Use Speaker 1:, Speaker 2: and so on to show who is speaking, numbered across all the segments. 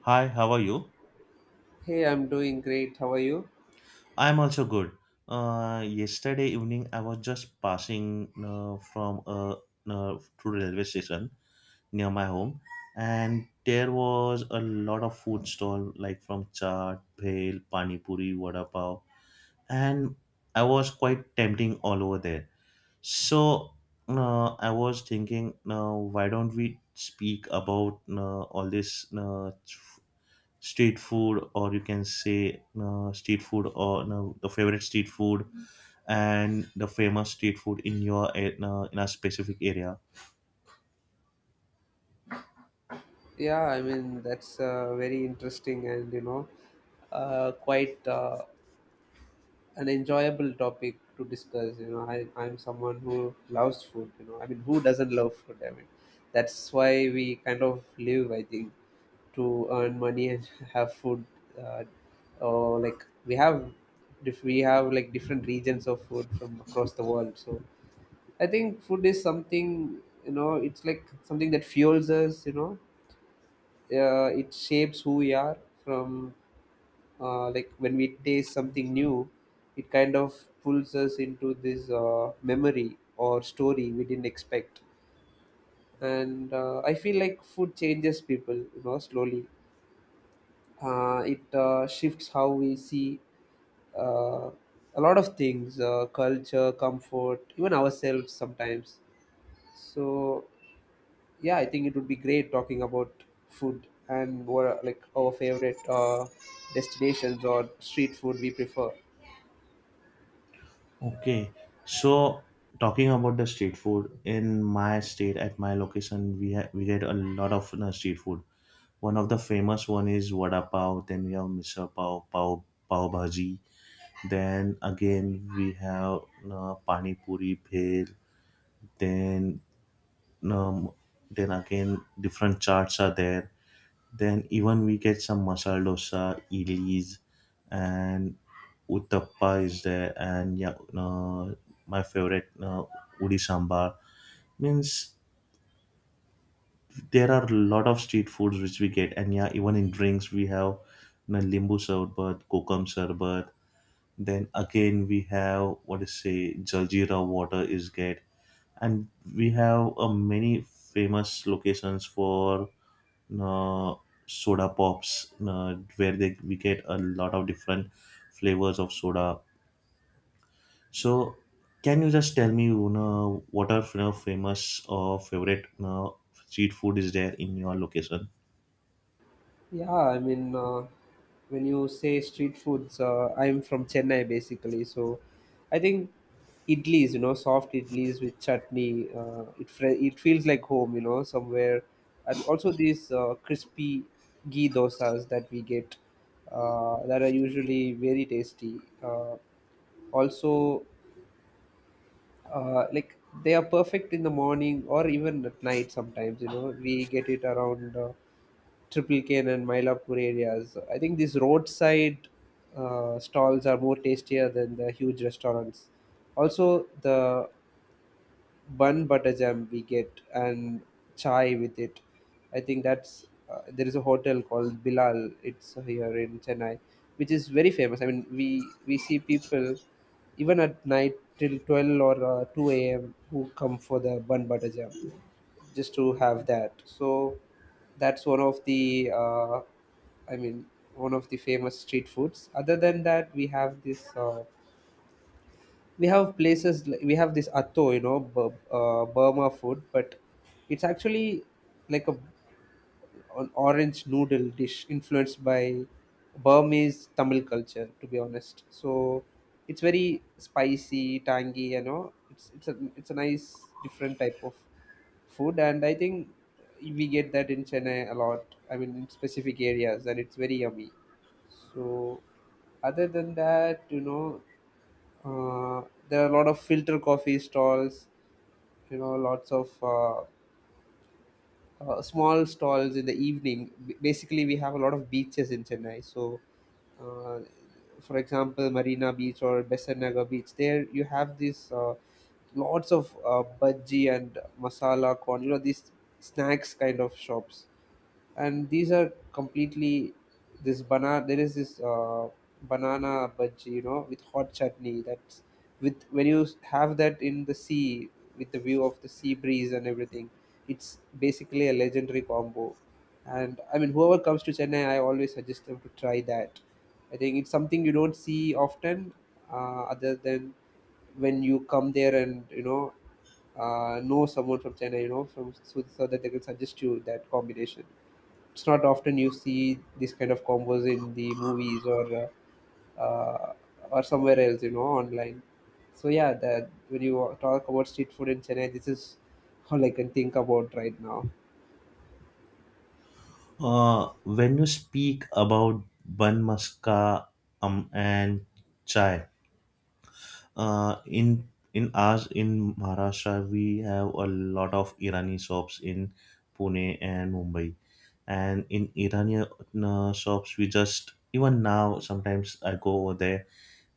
Speaker 1: Hi, how are you?
Speaker 2: Hey, I'm doing great. How are you?
Speaker 1: I'm also good. Yesterday evening, I was just passing from to the railway station near my home, and there was a lot of food stall like from chaat, bhel, pani puri, vada pav, and I was quite tempting all over there. So I was thinking, why don't we speak about all this street food, or you can say street food or no, the favorite street food and the famous street food in in a specific area.
Speaker 2: Yeah, I mean, that's very interesting and, you know, quite an enjoyable topic to discuss. You know, I'm someone who loves food. You know, I mean, who doesn't love food? I mean, that's why we kind of live, I think, to earn money and have food. Uh, or like we have, dif- We have like different regions of food from across the world. So I think food is something, you know, it's like something that fuels us, you know, it shapes who we are from, like, when we taste something new, it kind of pulls us into this memory or story we didn't expect. And I feel like food changes people, you know, slowly. It shifts how we see, uh, a lot of things, culture, comfort, even ourselves sometimes. So yeah, I think it would be great talking about food and what are, like, our favorite destinations or street food we prefer.
Speaker 1: Okay, so talking about the street food in my state, at my location, we get a lot of street food. One of the famous one is vada pav, then we have misal pav pav bhaji, then again we have pani puri, bhel, then um, then again different charts are there, then even we get some masala dosa, idlis, and uttappa is there. And yeah, my favorite udi sambar. Means there are a lot of street foods which we get, and yeah, even in drinks we have, you know, limbu sarbat, kokum sarbat, then again we have, what is say, jaljeera water is get. And we have many famous locations for uh, soda pops where they we get a lot of different flavors of soda. So can you just tell me, you know, what are, you know, famous or favorite, you know, street food is there in your location?
Speaker 2: Yeah, I mean, when you say street foods, I'm from Chennai basically. So I think idlis, you know, soft idlis with chutney, it feels like home, you know, somewhere. And also these crispy ghee dosas that we get, that are usually very tasty. Uh, also uh, like they are perfect in the morning or even at night sometimes. You know, we get it around Triple Cane and Mylapore areas. I think these roadside stalls are more tastier than the huge restaurants. Also the bun butter jam we get, and chai with it. I think that's there is a hotel called Bilal. It's here in Chennai, which is very famous. I mean, we see people even at night till 12 or 2 a.m. who come for the bun butter jam just to have that. So that's one of the, I mean, one of the famous street foods. Other than that, we have this. We have this atto, you know, Burma food, but it's actually like a, an orange noodle dish influenced by Burmese Tamil culture, to be honest. So it's very spicy, tangy, you know, it's a nice different type of food. And I think we get that in Chennai a lot, I mean in specific areas, and it's very yummy. So other than that, you know, uh, there are a lot of filter coffee stalls, you know, lots of small stalls in the evening. Basically, we have a lot of beaches in Chennai. So, uh, for example, Marina Beach or Besanaga Beach, there you have these lots of budgie and masala corn, you know, these snacks kind of shops. And these are completely, this banana, there is this banana bhaji, you know, with hot chutney. That's, with when you have that in the sea, with the view of the sea breeze and everything, it's basically a legendary combo. And I mean, whoever comes to Chennai, I always suggest them to try that. I think it's something you don't see often, other than when you come there and you know someone from Chennai, you know, so that they can suggest you that combination. It's not often you see this kind of combos in the movies uh, uh, or somewhere else, you know, online. So yeah, that when you talk about street food in Chennai, this is all I can think about right now.
Speaker 1: When you speak about bun maska, and chai, uh, in in ours, in Maharashtra, we have a lot of Irani shops in Pune and Mumbai. And in Iranian shops, we just even now sometimes I go over there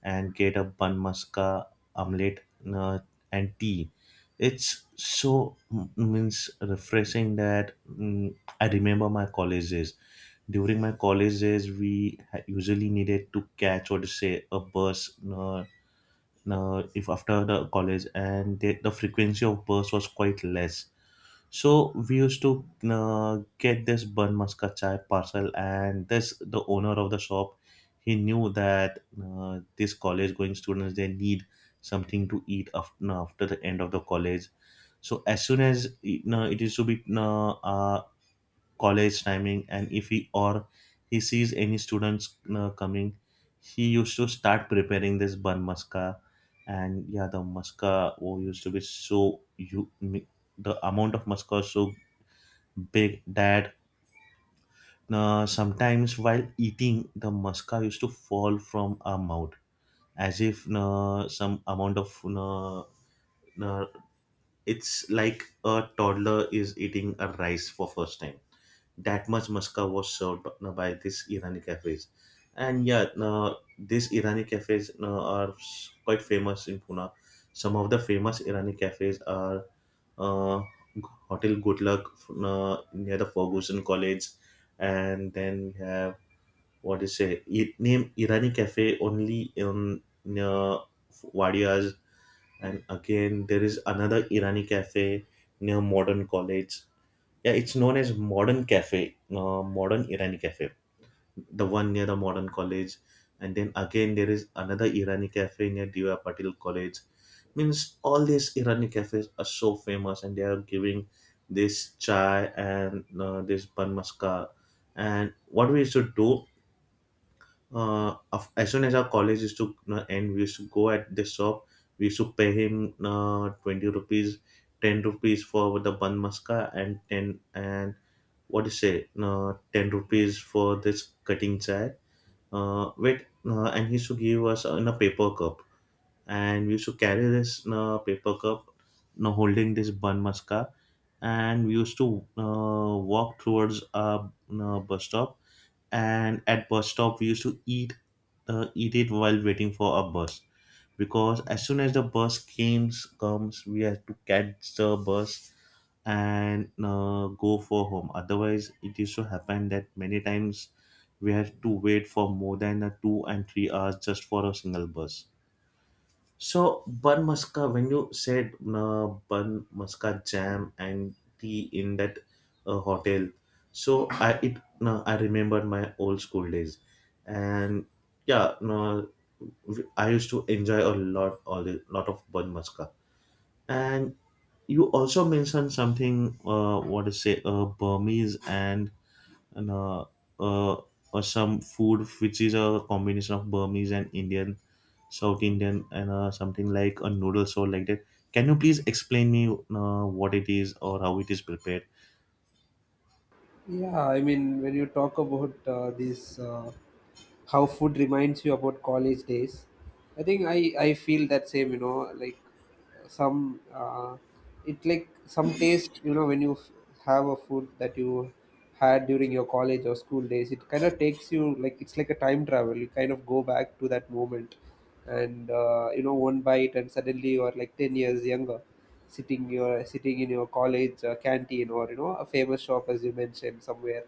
Speaker 1: and get a bun maska omelette, uh, and tea. It's so means refreshing that, I remember my college days. During my college days, we usually needed to catch, or to say, a bus, if after the college, and the frequency of bursts was quite less. So we used to get this bun maska chai parcel, and this, the owner of the shop, he knew that these college going students, they need something to eat after the end of the college. So as soon as, you know, it is to be college timing, and if he or he sees any students coming, he used to start preparing this bun maska. And yeah, the maska, oh, used to be so, you, the amount of maska was so big that sometimes while eating, the maska used to fall from our mouth, as if some amount of uh, it's like a toddler is eating a rice for first time. That much musca was served by this Irani cafes. And yeah, these Irani cafes are quite famous in Pune. Some of the famous Irani cafes are uh, Hotel Good Luck near the Ferguson College, and then we have, what is it? I- Name Irani Cafe only in near Wadias, and again there is another Irani Cafe near Modern College. Yeah, it's known as Modern Cafe, Modern Irani Cafe, the one near the Modern College, and then again there is another Irani Cafe near Diva Patil College. Means all these Irani cafes are so famous, and they are giving this chai and this bun maska. And what we used to do, as soon as our college used to end, we used to go at this shop. We used to pay him 20 rupees, ten rupees for the bun maska, and ten and, what do you say, 10 rupees for this cutting chai. And he used to give us in a paper cup. And we used to carry this paper cup, holding this bun maska. And we used to walk towards our bus stop. And at bus stop, we used to eat, eat it while waiting for our bus. Because as soon as the bus comes, we had to catch the bus and go for home. Otherwise, it used to happen that many times we had to wait for more than 2 and 3 hours just for a single bus. So, Bun maska, when you said Bun Muska jam and tea in that hotel, so I it, I remember my old school days, and yeah, no, I used to enjoy a lot, all the lot of Bun maska. And you also mentioned something, what to say, Burmese, and uh, some food which is a combination of Burmese and Indian, South Indian, and something like a noodle soup like that. Can you please explain me what it is or how it is prepared?
Speaker 2: Yeah, I mean, when you talk about this how food reminds you about college days, I think I feel that same, you know, like, some, it, like, some taste, you know, when you have a food that you had during your college or school days, it kind of takes you like, it's like a time travel, you kind of go back to that moment. And you know, one bite and suddenly you are like 10 years younger, sitting in your college canteen, or you know, a famous shop as you mentioned somewhere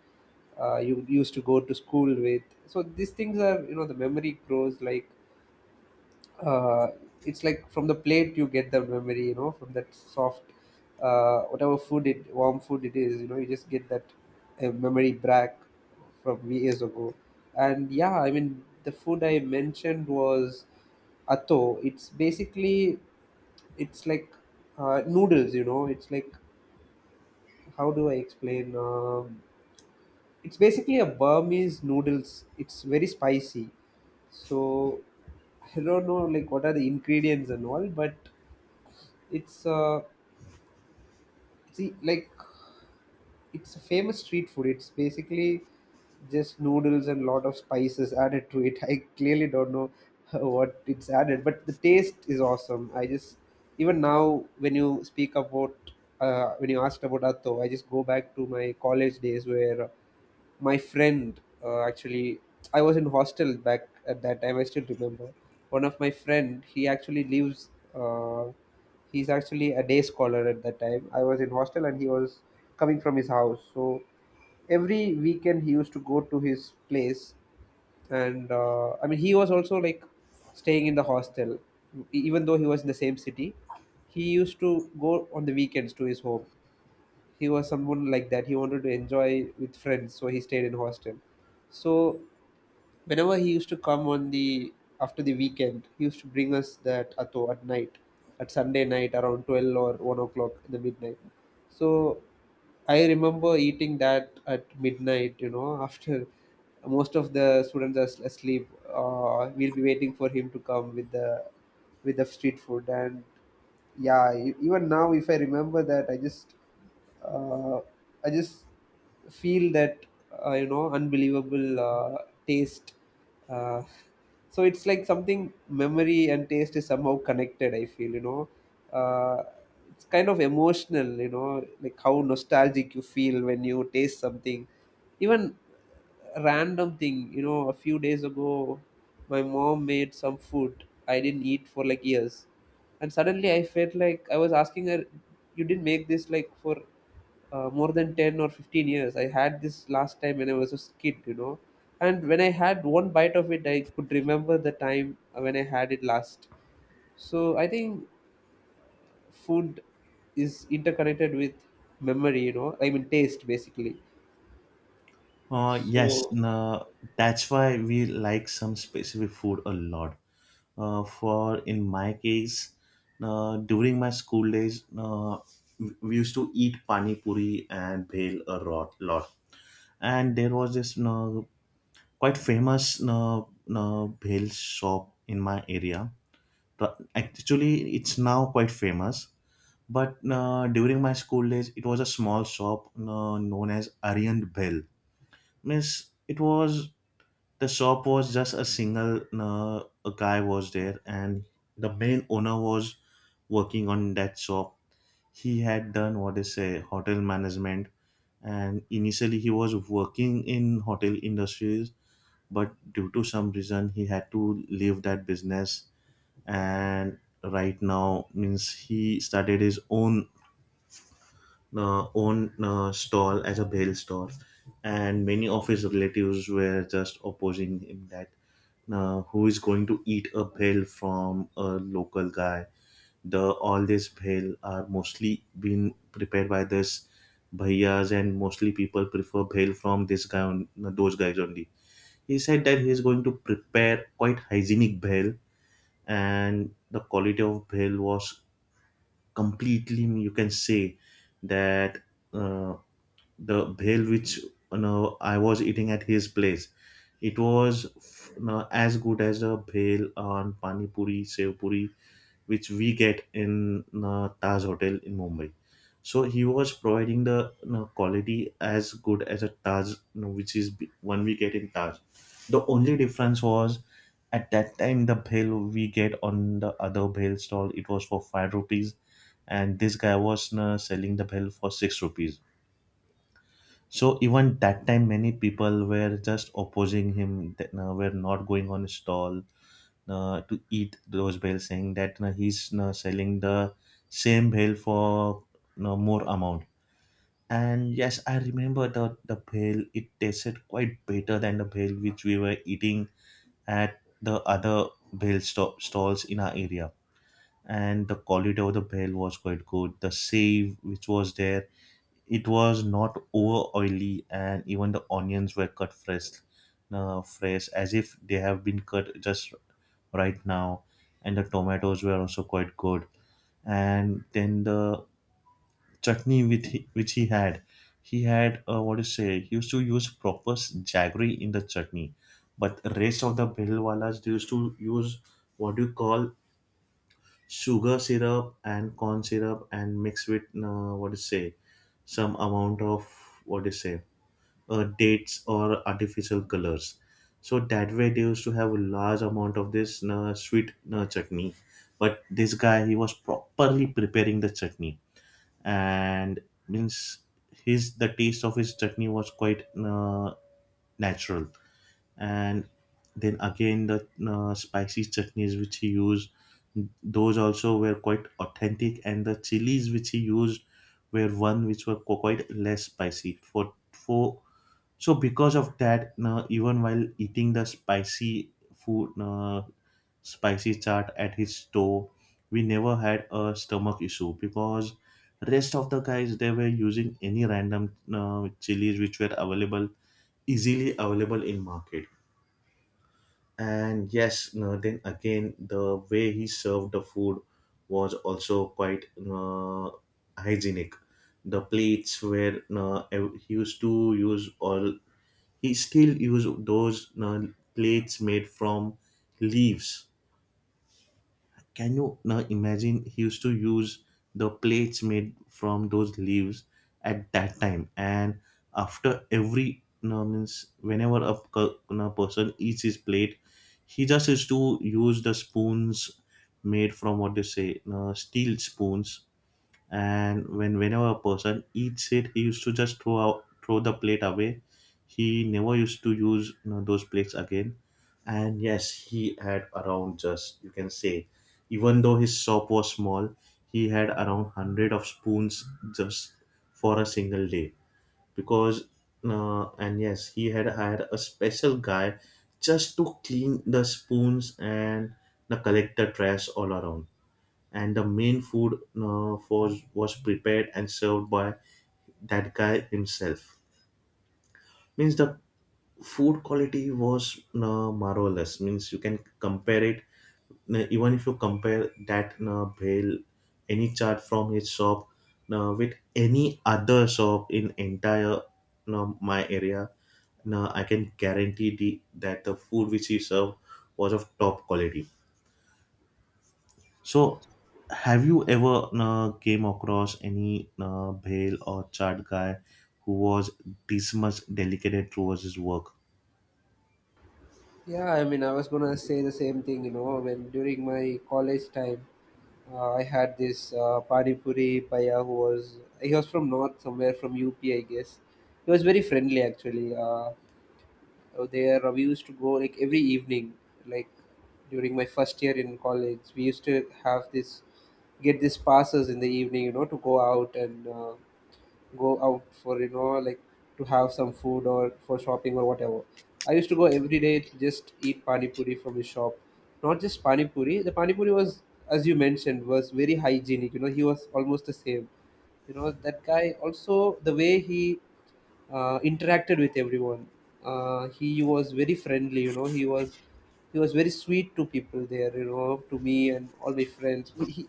Speaker 2: you used to go to school with. So these things are, you know, the memory grows like, uh, it's like from the plate you get the memory, you know, from that soft whatever food, it, warm food it is, you know, you just get that memory back from years ago. And yeah, I mean, the food I mentioned was atto. It's basically, it's like, noodles, you know. It's like, how do I explain? It's basically a Burmese noodles. It's very spicy. So I don't know like what are the ingredients and all, but it's see like it's a famous street food. It's basically just noodles and lot of spices added to it. I clearly don't know what it's added, but the taste is awesome. I just, even now when you speak about when you asked about atto, I just go back to my college days, where my friend actually, I was in hostel back at that time, I still remember. One of my friend, he actually lives, he's actually a day scholar. At that time I was in hostel and he was coming from his house. So every weekend he used to go to his place. And I mean, he was also like staying in the hostel. Even though he was in the same city, he used to go on the weekends to his home. He was someone like that. He wanted to enjoy with friends, so he stayed in hostel. So whenever he used to come on the, after the weekend, he used to bring us that atto at night, at Sunday night around 12 or 1 o'clock in the midnight. So I remember eating that at midnight, you know, after most of the students are asleep, we'll be waiting for him to come with the, with the street food. And yeah, even now if I remember that, I just, uh, I just feel that you know, unbelievable taste. Uh, so it's like something, memory and taste is somehow connected, I feel, you know. uh, it's kind of emotional, you know, like how nostalgic you feel when you taste something. Even random thing, you know, a few days ago, my mom made some food I didn't eat for like years, and suddenly I felt like, I was asking her, you didn't make this like for more than 10 or 15 years. I had this last time when I was a kid, you know. And when I had one bite of it, I could remember the time when I had it last. So I think food is interconnected with memory, you know, I mean taste basically.
Speaker 1: Uh, yes,
Speaker 2: So
Speaker 1: uh, that's why we like some specific food a lot. For in my case, during my school days, we used to eat pani puri and bhel a lot. And there was this quite famous bhel shop in my area. But actually, it's now quite famous. But during my school days, it was a small shop known as Aryan Bhel. Means it was, the shop was just a single, a guy was there, and the main owner was working on that shop. He had done, what they say, hotel management, and initially he was working in hotel industries, but due to some reason he had to leave that business. And right now, means, he started his own stall as a bail stall, and many of his relatives were just opposing him that who is going to eat a bail from a local guy. The all these bail are mostly been prepared by this bhaiyas, and mostly people prefer bail from this guy on those guys only. He said that he is going to prepare quite hygienic bail, and the quality of bail was completely, you can say, that. Uh, the bhel which, you know, I was eating at his place, it was, you know, as good as a bhel on pani puri, sev puri, which we get in, you know, Taj Hotel in Mumbai. So he was providing the, you know, quality as good as a Taj, you know, which is b- one we get in Taj. The only difference was, at that time the bhel we get on the other bhel stall, it was for five rupees, and this guy was, you know, selling the bhel for six rupees. So even that time, many people were just opposing him. That were not going on stall to eat those bales, saying that he's selling the same bale for more amount. And yes, I remember the bale. It tasted quite better than the bale which we were eating at the other stalls in our area. And the quality of the bale was quite good. The save which was there, it was not over oily, and even the onions were cut fresh, fresh as if they have been cut just right now. And the tomatoes were also quite good. And then the chutney with he, which he had, he had, what to say? He used to use proper jaggery in the chutney, but rest of the behilwalas, they used to use, what do you call, sugar syrup and corn syrup, and mix with what to say, some amount of, what do you say, dates or artificial colors. So that way they used to have a large amount of this sweet chutney. But this guy, he was properly preparing the chutney, and means his, the taste of his chutney was quite natural. And then again, the spicy chutneys which he used, those also were quite authentic, and the chilies which he used were one which were quite less spicy for for. So because of that, no, even while eating the spicy food, no, spicy chaat at his store, we never had a stomach issue, because rest of the guys, they were using any random, no, chilies which were available, easily available in market. And yes, no, then again the way he served the food was also quite, no, hygienic. The plates were, no, he used to use all, he still use those plates made from leaves. Can you now imagine, he used to use the plates made from those leaves at that time? And after every means whenever a person eats his plate, he just used to use the spoons made from what they say steel spoons. And whenever a person eats it, he used to just throw the plate away. He never used to use those plates again. And yes, he had around, just you can say, even though his shop was small, he had around 100 of spoons just for a single day. Because uh, and yes, he had hired a special guy just to clean the spoons and the collect the trash all around. And the main food was prepared and served by that guy himself. Means the food quality was marvelous. Means you can compare it, even if you compare that bhel, any chart from his shop with any other shop in entire my area. Now I can guarantee that the food which he served was of top quality. So, have you ever came across any bhel or chart guy who was this much delicate towards his work?
Speaker 2: yeah, I mean, I was gonna say the same thing, you know, when during my college time, I had this Pani Puri Paya who was, he was from north somewhere, from UP, I guess. He was very friendly actually. There we used to go like every evening, like during my first year in college, we used to have this, get these passes in the evening, you know, to go out and go out for, you know, like, to have some food or for shopping or whatever. I used to go every day to just eat pani puri from his shop. Not just pani puri. The pani puri was, as you mentioned, was very hygienic. You know, he was almost the same. You know that guy also, the way he interacted with everyone. He was very friendly, you know. He was very sweet to people there, you know, to me and all my friends. We, he,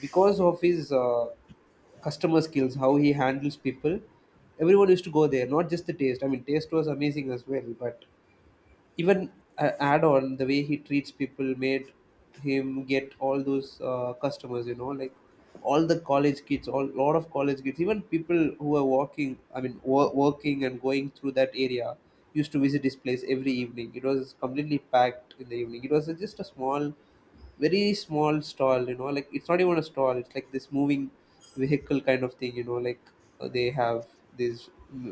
Speaker 2: because of his customer skills, how he handles people, everyone used to go there. Not just the taste. I mean, taste was amazing as well, but even add on the way he treats people made him get all those customers, you know, like all the college kids, all lot of college kids, even people who are walking, I mean working and going through that area, used to visit his place every evening. It was completely packed in the evening. It was just a small, very small stall, you know, like it's not even a stall, it's like this moving vehicle kind of thing, you know, like they have these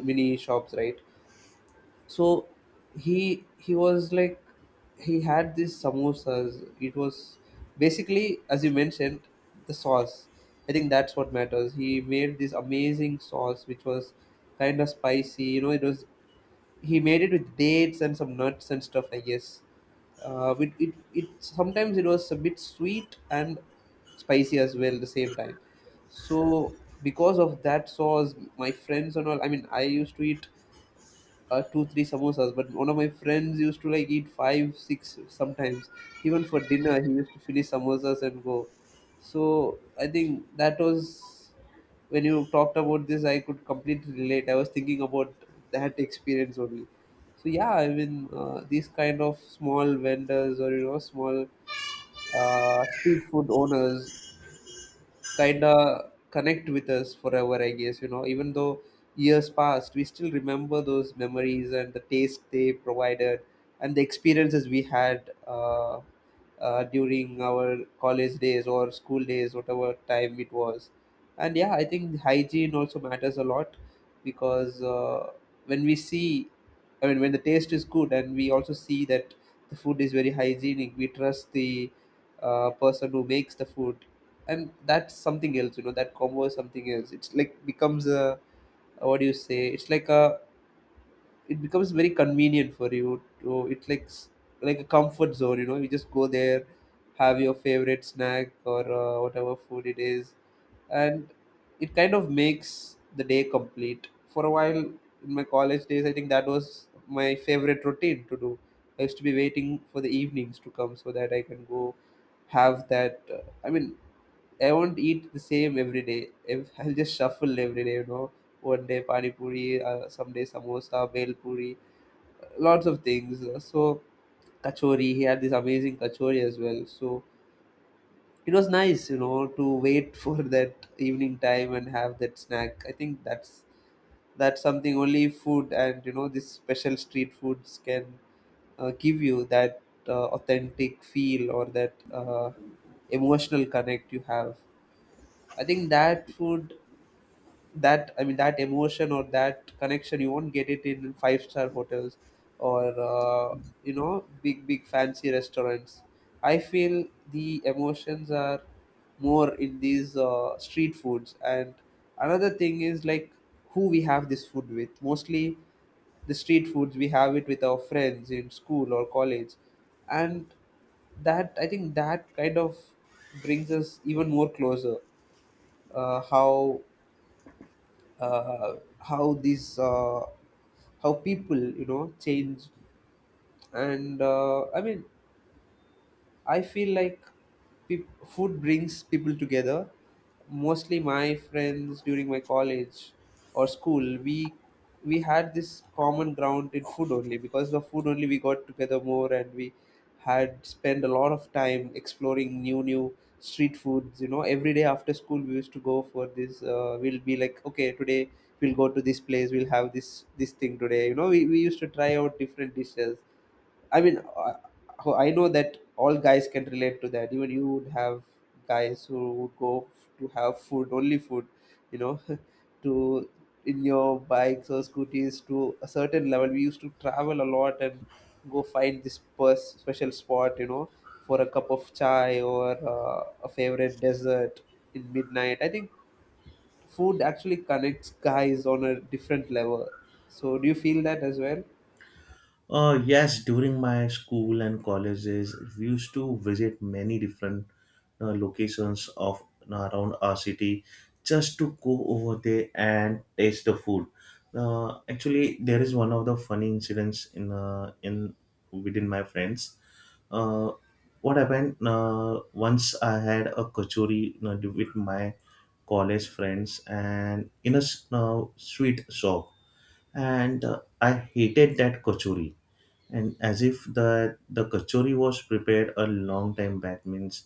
Speaker 2: mini shops, right? So he was like he had these samosas. It was basically, as you mentioned, the sauce, I think that's what matters. He made this amazing sauce which was kind of spicy, you know. It was he made it with dates and some nuts and stuff, I guess. It sometimes it was a bit sweet and spicy as well at the same time. So because of that sauce, my friends and all, I mean I used to eat two three samosas, but one of my friends used to like eat five six sometimes. Even for dinner he used to finish samosas and go. So I think that was when you talked about this, I could completely relate. I was thinking about that experience only. So yeah, I mean, these kind of small vendors, or, you know, small street food owners kind of connect with us forever, I guess, you know. Even though years passed, we still remember those memories and the taste they provided and the experiences we had during our college days or school days, whatever time it was. And yeah, I think hygiene also matters a lot, because when we see, I mean, when the taste is good and we also see that the food is very hygienic, we trust the person who makes the food, and that's something else, you know. That combo is something else. It's like becomes a what do you say, it's like a it becomes very convenient for you to, it's like like a comfort zone, you know. You just go there, have your favorite snack or whatever food it is, and it kind of makes the day complete. For a while in my college days, I think that was my favorite routine to do. I used to be waiting for the evenings to come so that I can go have that I mean, I won't eat the same every day. If I'll just shuffle every day, you know. One day pani puri, someday samosa, bel puri, lots of things. So kachori, he had this amazing kachori as well. So it was nice, you know, to wait for that evening time and have that snack. I think that's something only food and, you know, this special street foods can give you that authentic feel or that emotional connect you have. I think that food, that, I mean, that emotion or that connection, you won't get it in five-star hotels or you know, big big fancy restaurants. I feel the emotions are more in these street foods. And another thing is like who we have this food with. Mostly the street foods we have it with our friends in school or college, and that, I think, that kind of brings us even more closer. uh, how how these how people, you know, change. And I mean, I feel like peop food brings people together. Mostly my friends during my college or school, we had this common ground in food. Only because of food only, we got together more, and we had spent a lot of time exploring new new street foods. You know, every day after school we used to go for this. We'll be like, okay, today we'll go to this place. We'll have this thing today. You know, we used to try out different dishes. I mean, I know that all guys can relate to that. Even you would have guys who would go to have food, only food, you know, to in your bikes or scooters. To a certain level, we used to travel a lot and go find this special spot, you know, for a cup of chai or a favorite dessert in midnight. I think food actually connects guys on a different level. So, do you feel that as well?
Speaker 1: Yes, during my school and colleges, we used to visit many different locations of around our city just to go over there and taste the food. Actually, there is one of the funny incidents in within my friends. uh, what happened once, I had a kachori, with my college friends and in a sweet shop, and I hated that kachori. And as if the kachori was prepared a long time back, means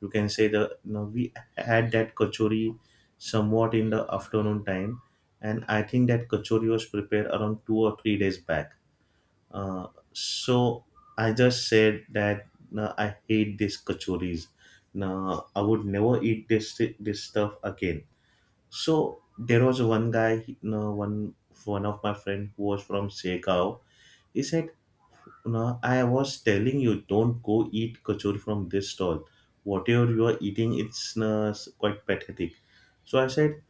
Speaker 1: you can say, we had that kachori somewhat in the afternoon time, and I think that kachori was prepared around 2 or 3 days back. Uh, so I just said that, "No, I hate these kachoris. No, I would never eat this stuff again." So there was one guy, he- no, one one of my friend who was from Sekau. He said, "No, I was telling you, don't go eat kachori from this stall. Whatever you are eating, it's, no, quite pathetic." So I said,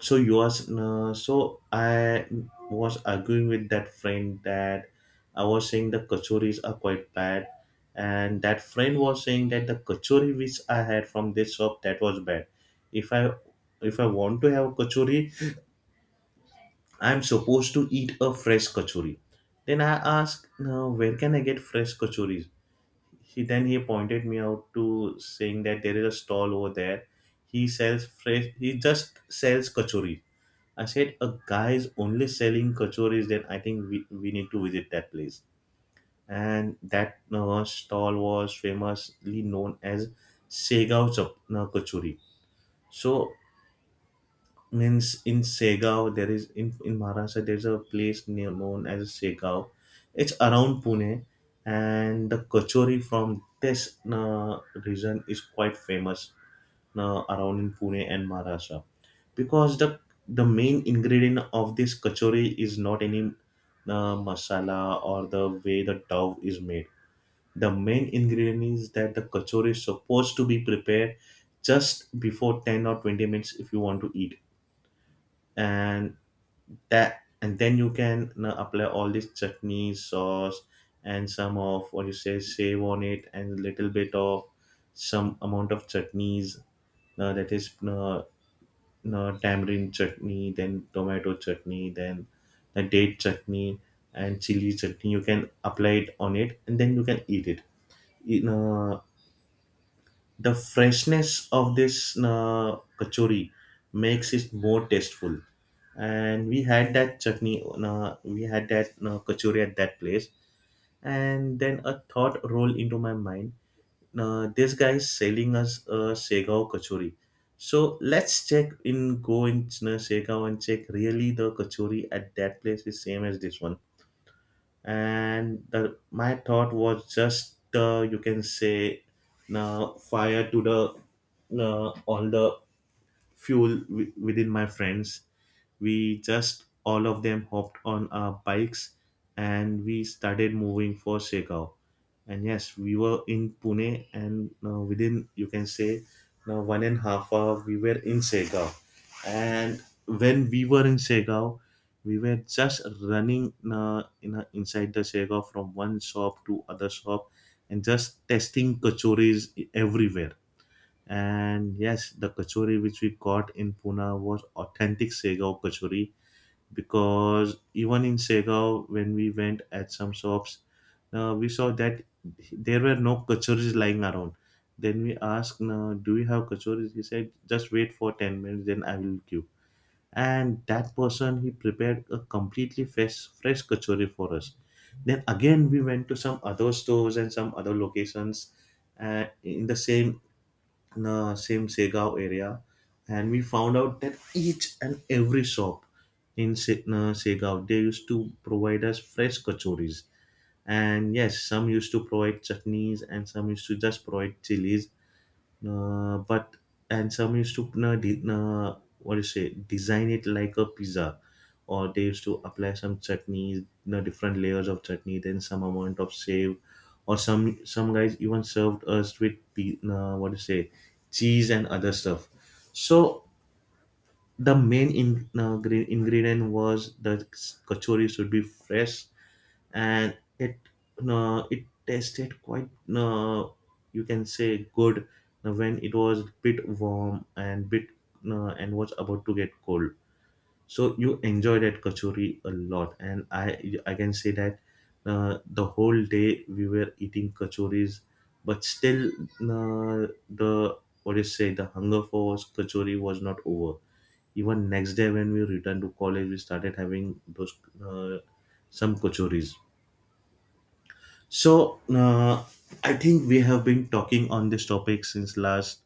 Speaker 1: so you was so I was arguing with that friend that I was saying the kachoris are quite bad, and that friend was saying that the kachori which I had from this shop, that was bad. if i if I want to have a kachori, I'm supposed to eat a fresh kachori. Then I asked, now where can I get fresh kachoris? He then he pointed me out to saying that there is a stall over there. He just sells kachori. I said, a guy is only selling kachoris, then I think we need to visit that place. And that stall was famously known as Segao Kachori. So, means in Segao, there is, in Maharashtra, there's a place near, known as Segao. It's around Pune, and the kachori from this region is quite famous around in Pune and Maharashtra. Because the main ingredient of this kachori is not any masala or the way the dough is made. The main ingredient is that the kachori is supposed to be prepared just before 10 or 20 minutes if you want to eat. And and then you can apply all this chutney, sauce, and some of what you say save on it, and a little bit of, some amount of chutneys, that is no, tamarind chutney, then tomato chutney, then the date chutney and chili chutney. You can apply it on it, and then you can eat it. You know, the freshness of this kachori makes it more tasteful. And we had that chutney, we had that kachori at that place, and then a thought rolled into my mind, this guy is selling us a Segao kachori. So let's check in, go in Segao and check really the kachori at that place is same as this one. My thought was just, you can say, now fire to the all the fuel within my friends. We just all of them hopped on our bikes and we started moving for Shekhar. And yes, we were in Pune, and within, you can say, 1.5 hours we were in Shekhar. And when we were in Shekhar, we were just running inside the Shekhar from one shop to other shop and just testing kachoris everywhere. And yes, the kachori which we got in Pune was authentic Segao kachori, because even in Segao, when we went at some shops, we saw that there were no kachoris lying around. Then we asked, "Now, do we have kachoris?" He said, "Just wait for 10 minutes, then I will give." And that person, he prepared a completely fresh kachori for us. Then again, we went to some other stores and some other locations uh, in the same in the same Segao area, and we found out that each and every shop in Segao, they used to provide us fresh kachoris. And yes, some used to provide chutneys, and some used to just provide chilies, but and some used to de- what do you say design it like a pizza, or they used to apply some chutneys, you know, different layers of chutney, then some amount of save, or some guys even served us with pe- what do you say cheese and other stuff. So the main ingredient was the kachori should be fresh. And it, it tasted quite uh, you can say good when it was bit warm and bit and was about to get cold. So you enjoy that kachori a lot, and I can say that the whole day we were eating kachoris, but still the what do you say the hunger for kachori was not over. Even next day when we returned to college, we started having those uh, some kachoris. so, uh, I think we have been talking on this topic since last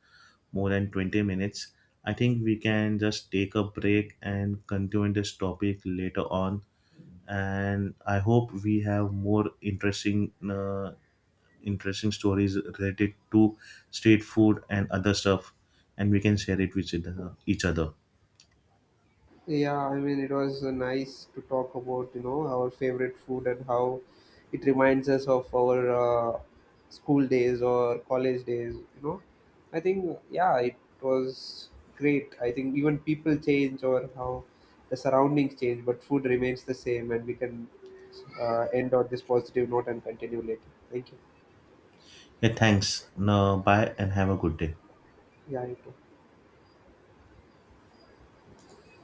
Speaker 1: more than 20 minutes. I think we can just take a break and continue this topic later on. And I hope we have more interesting, interesting stories related to street food and other stuff, and we can share it with each other.
Speaker 2: Yeah, I mean, it was nice to talk about, you know, our favorite food and how it reminds us of our school days or college days, you know. I think, yeah, it was great. I think even people change or how the surroundings change, but food remains the same, and we can end on this positive note and continue later. Thank you.
Speaker 1: Yeah, thanks. Now, bye and have a good day.
Speaker 2: Yeah, you too.